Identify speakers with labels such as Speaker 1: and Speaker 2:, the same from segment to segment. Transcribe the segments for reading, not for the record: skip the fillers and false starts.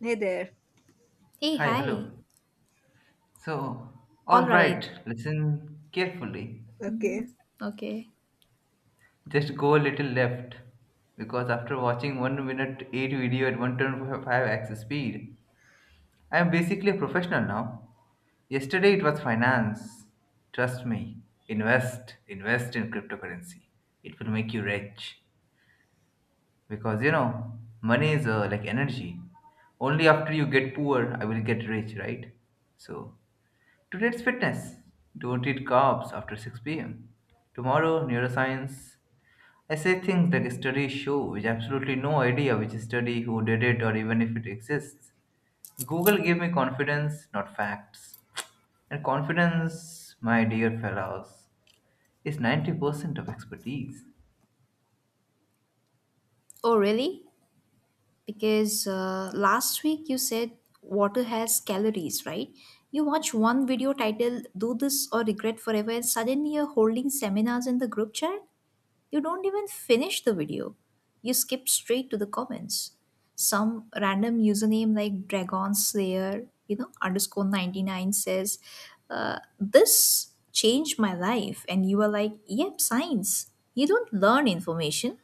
Speaker 1: Hey there.
Speaker 2: Hey,
Speaker 3: Hi,
Speaker 2: hi.
Speaker 3: hello. So,
Speaker 2: All
Speaker 3: all
Speaker 2: right.
Speaker 3: right, listen carefully.
Speaker 2: Mhm.
Speaker 1: Okay.
Speaker 2: Okay.
Speaker 3: Just go a little left because after watching 1 minute 8 video at 125x speed, I am basically a professional now. Yesterday it was finance. Trust me, invest in cryptocurrency. It will make you rich because money is like energy. Only after you get poor, I will get rich, right? So, today's fitness. Don't eat carbs after 6 pm. Tomorrow, neuroscience. I say things like studies show with absolutely no idea which study, who did it, or even if it exists. Google gave me confidence, not facts. And confidence, my dear fellows, is 90% of expertise.
Speaker 2: Oh, really? Because last week you said water has calories, right? You watch one video titled Do This or Regret Forever, and suddenly you're holding seminars in the group chat? You don't even finish the video. You skip straight to the comments. Some random username like Dragon Slayer, underscore 99 says, This changed my life. And you are like, Yep, science. You don't learn information.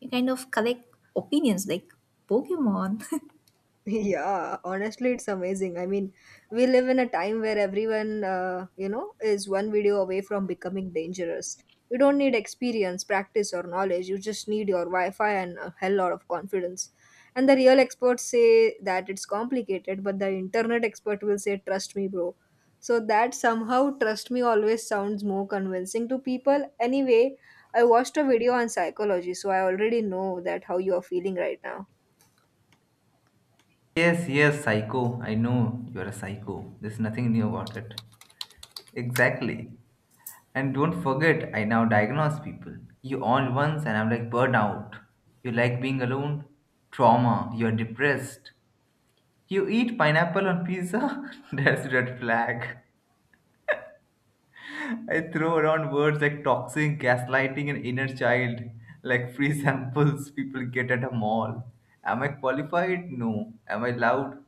Speaker 2: You kind of collect opinions like Pokemon.
Speaker 1: Yeah, honestly, it's amazing. I mean, we live in a time where everyone, is one video away from becoming dangerous. You don't need experience, practice, or knowledge. You just need your Wi Fi and a hell lot of confidence. And the real experts say that it's complicated, but the internet expert will say, "Trust me, bro." So that somehow "trust me" always sounds more convincing to people. Anyway, I watched a video on psychology, so I already know that how you are feeling right now.
Speaker 3: Yes, yes, psycho. I know you are a psycho. There's nothing new about it. Exactly. And don't forget, I now diagnose people. You all once, and I'm like burnout. You like being alone? Trauma. You're depressed. You eat pineapple on pizza? That's red flag. I throw around words like toxic, gaslighting, and inner child, like free samples people get at a mall. Am I qualified? No. Am I loud?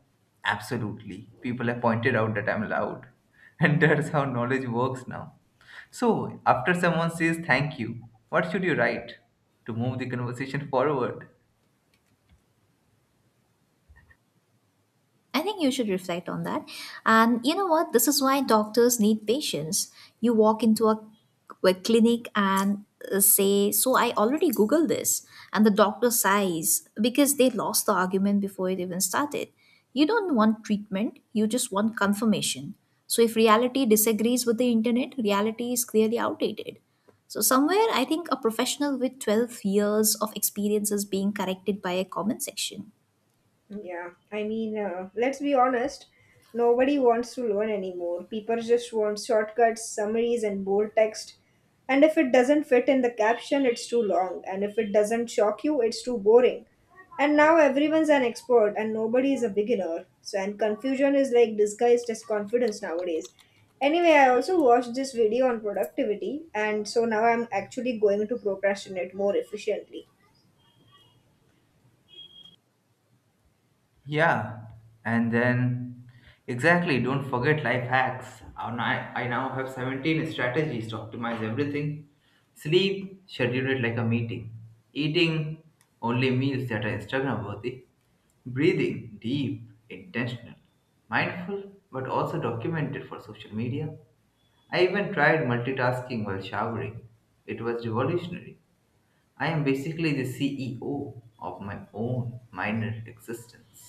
Speaker 3: Absolutely. People have pointed out that I'm loud. And that's how knowledge works now. So, after someone says thank you, what should you write to move the conversation forward?
Speaker 2: I think you should reflect on that. And you know what? This is why doctors need patience. You walk into a clinic and say, So I already Googled this. And the doctor sighs because they lost the argument before it even started. You don't want treatment, you just want confirmation. So if reality disagrees with the internet, reality is clearly outdated. So somewhere, I think a professional with 12 years of experience is being corrected by a comment section.
Speaker 1: Yeah, I mean, let's be honest. Nobody wants to learn anymore. People just want shortcuts, summaries, and bold text. And if it doesn't fit in the caption, it's too long. And if it doesn't shock you, it's too boring. And now everyone's an expert and nobody is a beginner. So, and confusion is like disguised as confidence nowadays. Anyway, I also watched this video on productivity, and so now I'm actually going to procrastinate more efficiently.
Speaker 3: Yeah, and then exactly, don't forget life hacks. And I now have 17 strategies to optimize everything. Sleep, schedule it like a meeting. Eating, only meals that are Instagram worthy. Breathing, deep, intentional, mindful, but also documented for social media. I even tried multitasking while showering. It was revolutionary. I am basically the CEO of my own minor existence.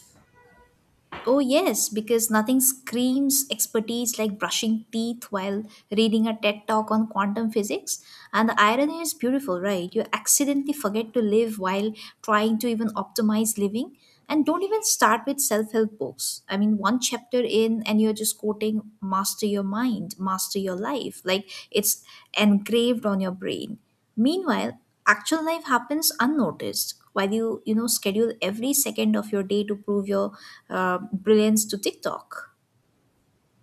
Speaker 2: Oh, yes, because nothing screams expertise like brushing teeth while reading a TED talk on quantum physics. And the irony is beautiful, right? You accidentally forget to live while trying to even optimize living. And don't even start with self help books. I mean, one chapter in, and you're just quoting master your mind, master your life. Like it's engraved on your brain. Meanwhile, actual life happens unnoticed while you know schedule every second of your day to prove your brilliance to TikTok.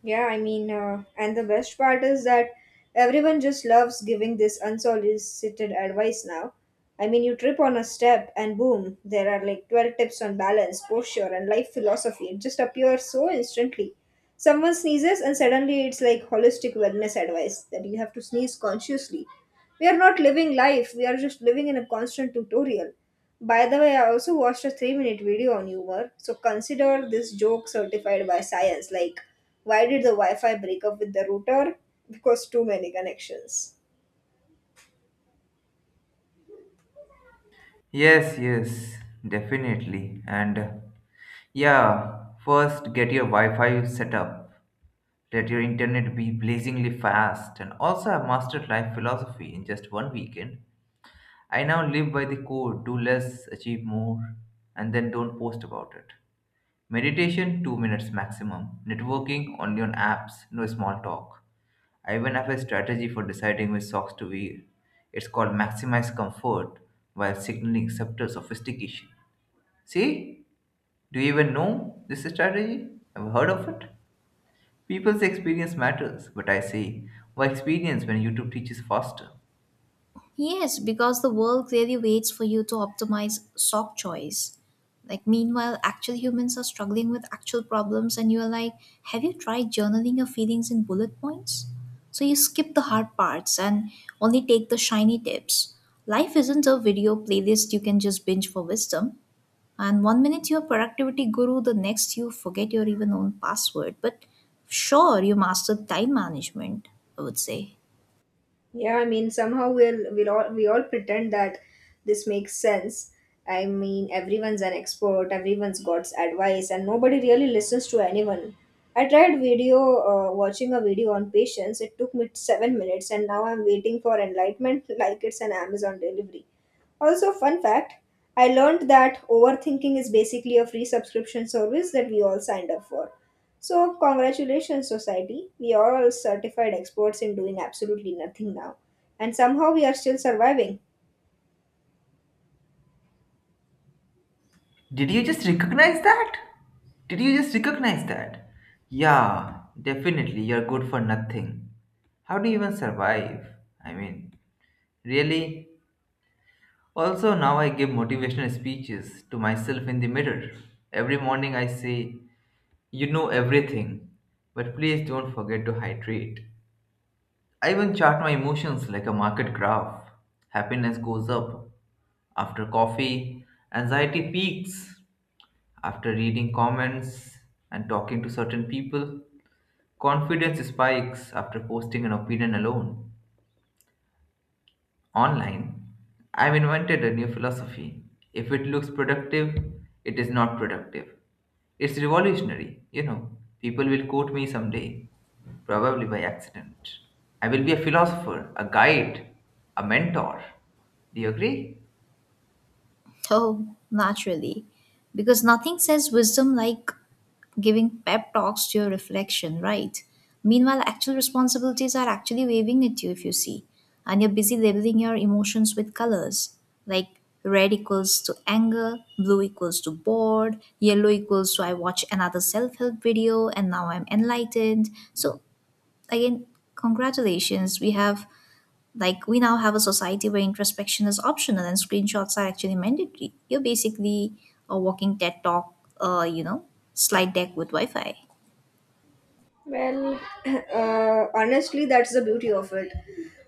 Speaker 1: Yeah, I mean, and the best part is that everyone just loves giving this unsolicited advice now. I mean, you trip on a step and boom, there are like 12 tips on balance, posture, and life philosophy. It just appears so instantly. Someone sneezes, and suddenly it's like holistic wellness advice that you have to sneeze consciously. We are not living life, we are just living in a constant tutorial. By the way, I also watched a 3-minute video on humor, so consider this joke certified by science. Like, why did the Wi Fi break up with the router? Because too many connections.
Speaker 3: Yes, yes, definitely. And yeah, first get your Wi-Fi set up. Let your internet be blazingly fast. And also, I've mastered life philosophy in just one weekend. I now live by the code: do less, achieve more, and then don't post about it. Meditation, 2 minutes maximum. Networking, only on apps, no small talk. I even have a strategy for deciding which socks to wear. It's called maximize comfort while signaling subtle sophistication. See, do you even know this strategy? I've heard of it. People's experience matters, but I say, why experience when YouTube teaches faster?
Speaker 2: Yes, because the world clearly waits for you to optimize sock choice. Like meanwhile, actual humans are struggling with actual problems, and you are like, have you tried journaling your feelings in bullet points? So you skip the hard parts and only take the shiny tips. Life isn't a video playlist you can just binge for wisdom. And one minute you're productivity guru, the next you forget your even own password. But sure, you mastered time management, I would say.
Speaker 1: Yeah, I mean, somehow we all pretend that this makes sense. I mean, everyone's an expert, everyone's got advice, and nobody really listens to anyone. Watching a video on patience. It took me 7 minutes, and now I'm waiting for enlightenment like it's an Amazon delivery. Also, fun fact, I learned that overthinking is basically a free subscription service that we all signed up for. So, congratulations, society. We are all certified experts in doing absolutely nothing now. And somehow we are still surviving.
Speaker 3: Did you just recognize that? Did you just recognize that? Yeah, definitely, you're good for nothing. How do you even survive? I mean, really? Also, now I give motivational speeches to myself in the mirror. Every morning I say, you know everything, but please don't forget to hydrate. I even chart my emotions like a market graph. Happiness goes up after coffee, anxiety peaks after reading comments and talking to certain people, confidence spikes after posting an opinion alone. Online, I've invented a new philosophy. If it looks productive, it is not productive. It's revolutionary, you know. People will quote me someday, probably by accident. I will be a philosopher, a guide, a mentor. Do you agree?
Speaker 2: Oh, naturally. Because nothing says wisdom like giving pep talks to your reflection, right? Meanwhile, actual responsibilities are actually waving at you if you see, and you're busy labeling your emotions with colors like red equals to anger, blue equals to bored, yellow equals to I watch another self help video and now I'm enlightened. So, again, congratulations, we have like we now have a society where introspection is optional and screenshots are actually mandatory. You're basically a walking TED talk, uh, you know, slide deck with Wi-Fi.
Speaker 1: Well, honestly, that's the beauty of it.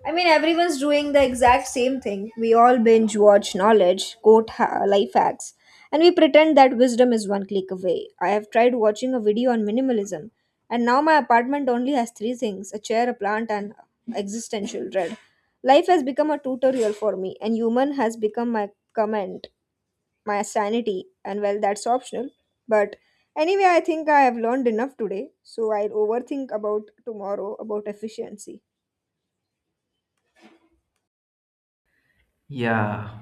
Speaker 1: I mean, everyone's doing the exact same thing. We all binge watch knowledge, quote life hacks, and we pretend that wisdom is one click away. I have tried watching a video on minimalism, and now my apartment only has three things: a chair, a plant, and existential dread. Life has become a tutorial for me, and human has become my comment my sanity, and well, that's optional. But anyway, I think I have learned enough today, so I'll overthink about tomorrow about efficiency.
Speaker 3: Yeah.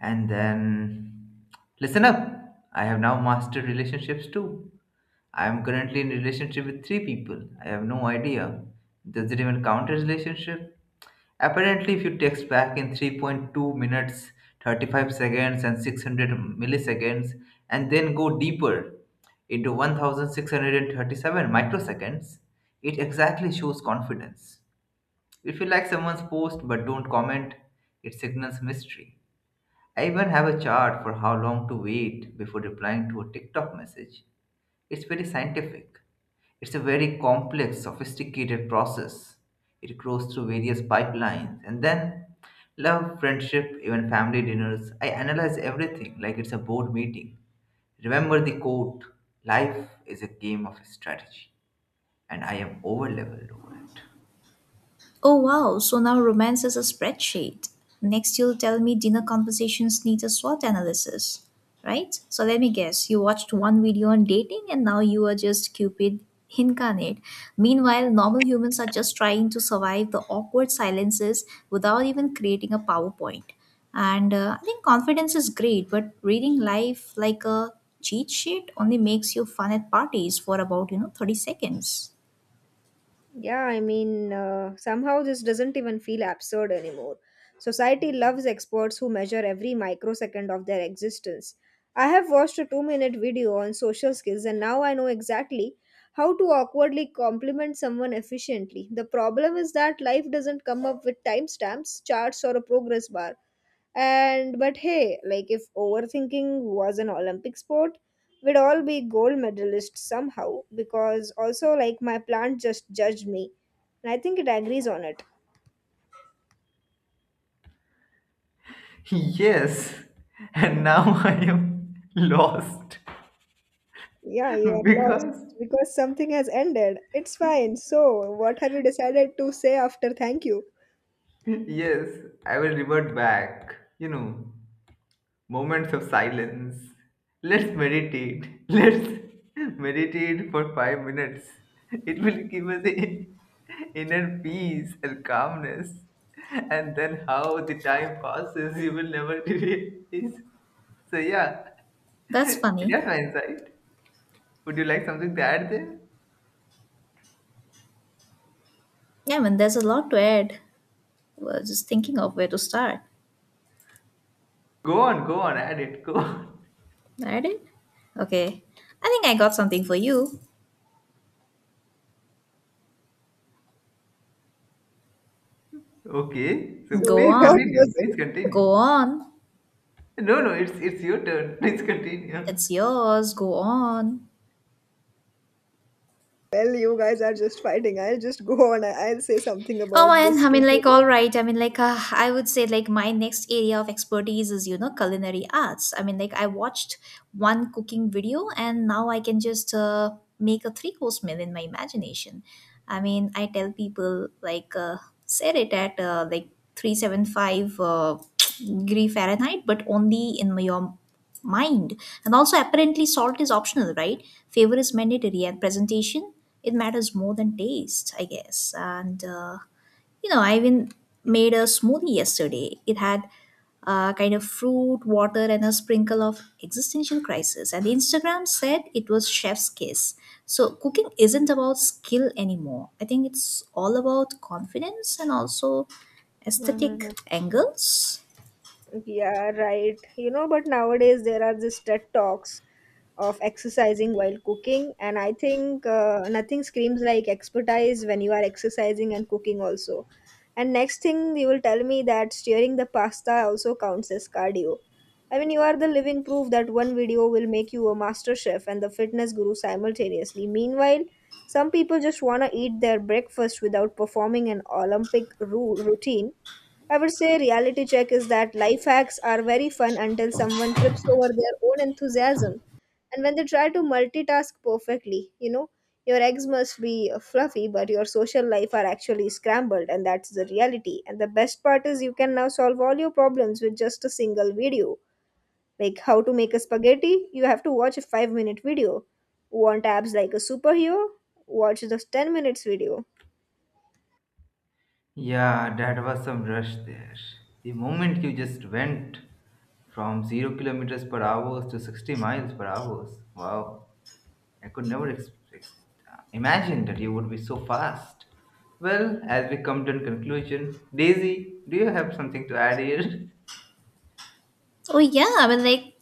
Speaker 3: And then, listen up. I have now mastered relationships too. I am currently in relationship with three people. I have no idea. Does it even count as relationship? Apparently, if you text back in 3.2 minutes, 35 seconds, and 600 milliseconds, and then go deeper into 1637 microseconds, it exactly shows confidence. If you like someone's post but don't comment, it signals mystery. I even have a chart for how long to wait before replying to a TikTok message. It's very scientific. It's a very complex, sophisticated process. It grows through various pipelines and then love, friendship, even family dinners. I analyze everything like it's a board meeting. Remember the quote life is a game of strategy, and I am overleveled over it.
Speaker 2: Oh wow, so now romance is a spreadsheet. Next, you'll tell me dinner conversations need a SWOT analysis, right? So let me guess, you watched one video on dating and now you are just Cupid incarnate. Meanwhile, normal humans are just trying to survive the awkward silences without even creating a PowerPoint. And I think confidence is great, but reading life like a cheat sheet only makes you fun at parties for about 30 seconds.
Speaker 1: Yeah, I mean, somehow this doesn't even feel absurd anymore. Society loves experts who measure every microsecond of their existence. I have watched a 2 minute video on social skills, and now I know exactly how to awkwardly compliment someone efficiently. The problem is that life doesn't come up with timestamps, charts, or a progress bar. And but hey, like if overthinking was an Olympic sport, we'd all be gold medalists somehow, because also, like, my plant just judged me. And I think it agrees on it.
Speaker 3: Yes, and now I am lost
Speaker 1: Yeah, you are lost
Speaker 3: because
Speaker 1: because something has ended. It's fine. So, what have you decided to say after "thank you"?
Speaker 3: yes, I will revert back. You know, moments of silence. Let's meditate. Let's meditate for 5 minutes. It will give us inner peace and calmness. And then how the time passes, you will never realize. So yeah,
Speaker 2: That's funny.
Speaker 3: that's my insight. Would you like something to add there?
Speaker 2: Yeah, man, there's a lot to add. Was just thinking of where to start.
Speaker 3: Go on, go on, add it, go on.
Speaker 2: I did. Okay. I think I got something for you.
Speaker 3: Okay, so
Speaker 1: So,
Speaker 2: Go
Speaker 3: please
Speaker 1: what
Speaker 2: on.
Speaker 3: continue,
Speaker 1: was
Speaker 3: please
Speaker 1: it?
Speaker 3: continue.
Speaker 2: Go on.
Speaker 3: No, no, it's your turn. Please continue.
Speaker 2: It's yours. Go on.
Speaker 1: Well, you guys are just fighting. I'll just go on. I'll say something
Speaker 2: Oh,
Speaker 1: about
Speaker 2: and
Speaker 1: this too.
Speaker 2: all right. I would say, my next area of expertise is, you know, culinary arts. I watched one cooking video and now I can just make a three course meal in my imagination. I mean, I tell people, set it at 375 degree Fahrenheit, but only in your mind. And also, apparently, salt is optional, right? Flavor is mandatory, and presentation, it matters more than taste, I guess. You know, I even made a smoothie yesterday. It had kind of fruit, water, and a sprinkle of existential crisis. And Instagram said it was chef's kiss. So cooking isn't about skill anymore. I think it's all about confidence and also aesthetic
Speaker 1: Mm-hmm.
Speaker 2: angles.
Speaker 1: Yeah, right. You know, but nowadays there are these TED Talks of exercising while cooking, and I think, nothing screams like expertise when you are exercising and cooking also. And next thing you will tell me that stirring the pasta also counts as cardio. I mean, you are the living proof that one video will make you a master chef and the fitness guru simultaneously. Meanwhile, some people just want to eat their breakfast without performing an routine. I would say reality check is that life hacks are very fun until someone trips over their own enthusiasm. And when they try to multitask perfectly, you know, your eggs must be fluffy, but your social life are actually scrambled, and that's the reality. And the best part is you can now solve all your problems with just a single video. Like, how to make a spaghetti, you have to watch a 5-minute video. Want abs like a superhero? Watch the 10 minutes video.
Speaker 3: Yeah, that was some rush there. The moment you just went from 0 kilometers per hour to 60 miles per hour, wow, I could never imagine that you would be so fast. Well, as we come to a conclusion, Daisy, do you have something to add here?
Speaker 2: Oh yeah,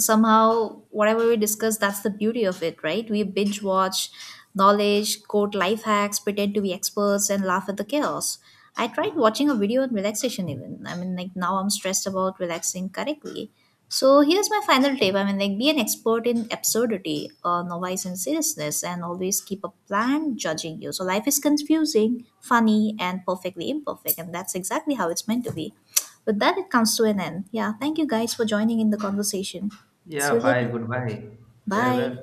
Speaker 2: somehow whatever we discuss, that's the beauty of it, right? We binge watch knowledge, quote life hacks, pretend to be experts and laugh at the chaos. I tried watching a video on relaxation even. Now I'm stressed about relaxing correctly. So here's my final tip. Be an expert in absurdity, novice in seriousness, and always keep a plan judging you. So life is confusing, funny, and perfectly imperfect, and that's exactly how it's meant to be. With that, it comes to an end. Yeah, thank you guys for joining in the conversation. See
Speaker 3: Yeah,
Speaker 2: you
Speaker 3: bye,
Speaker 2: later.
Speaker 3: goodbye,
Speaker 2: Bye.
Speaker 3: farewell.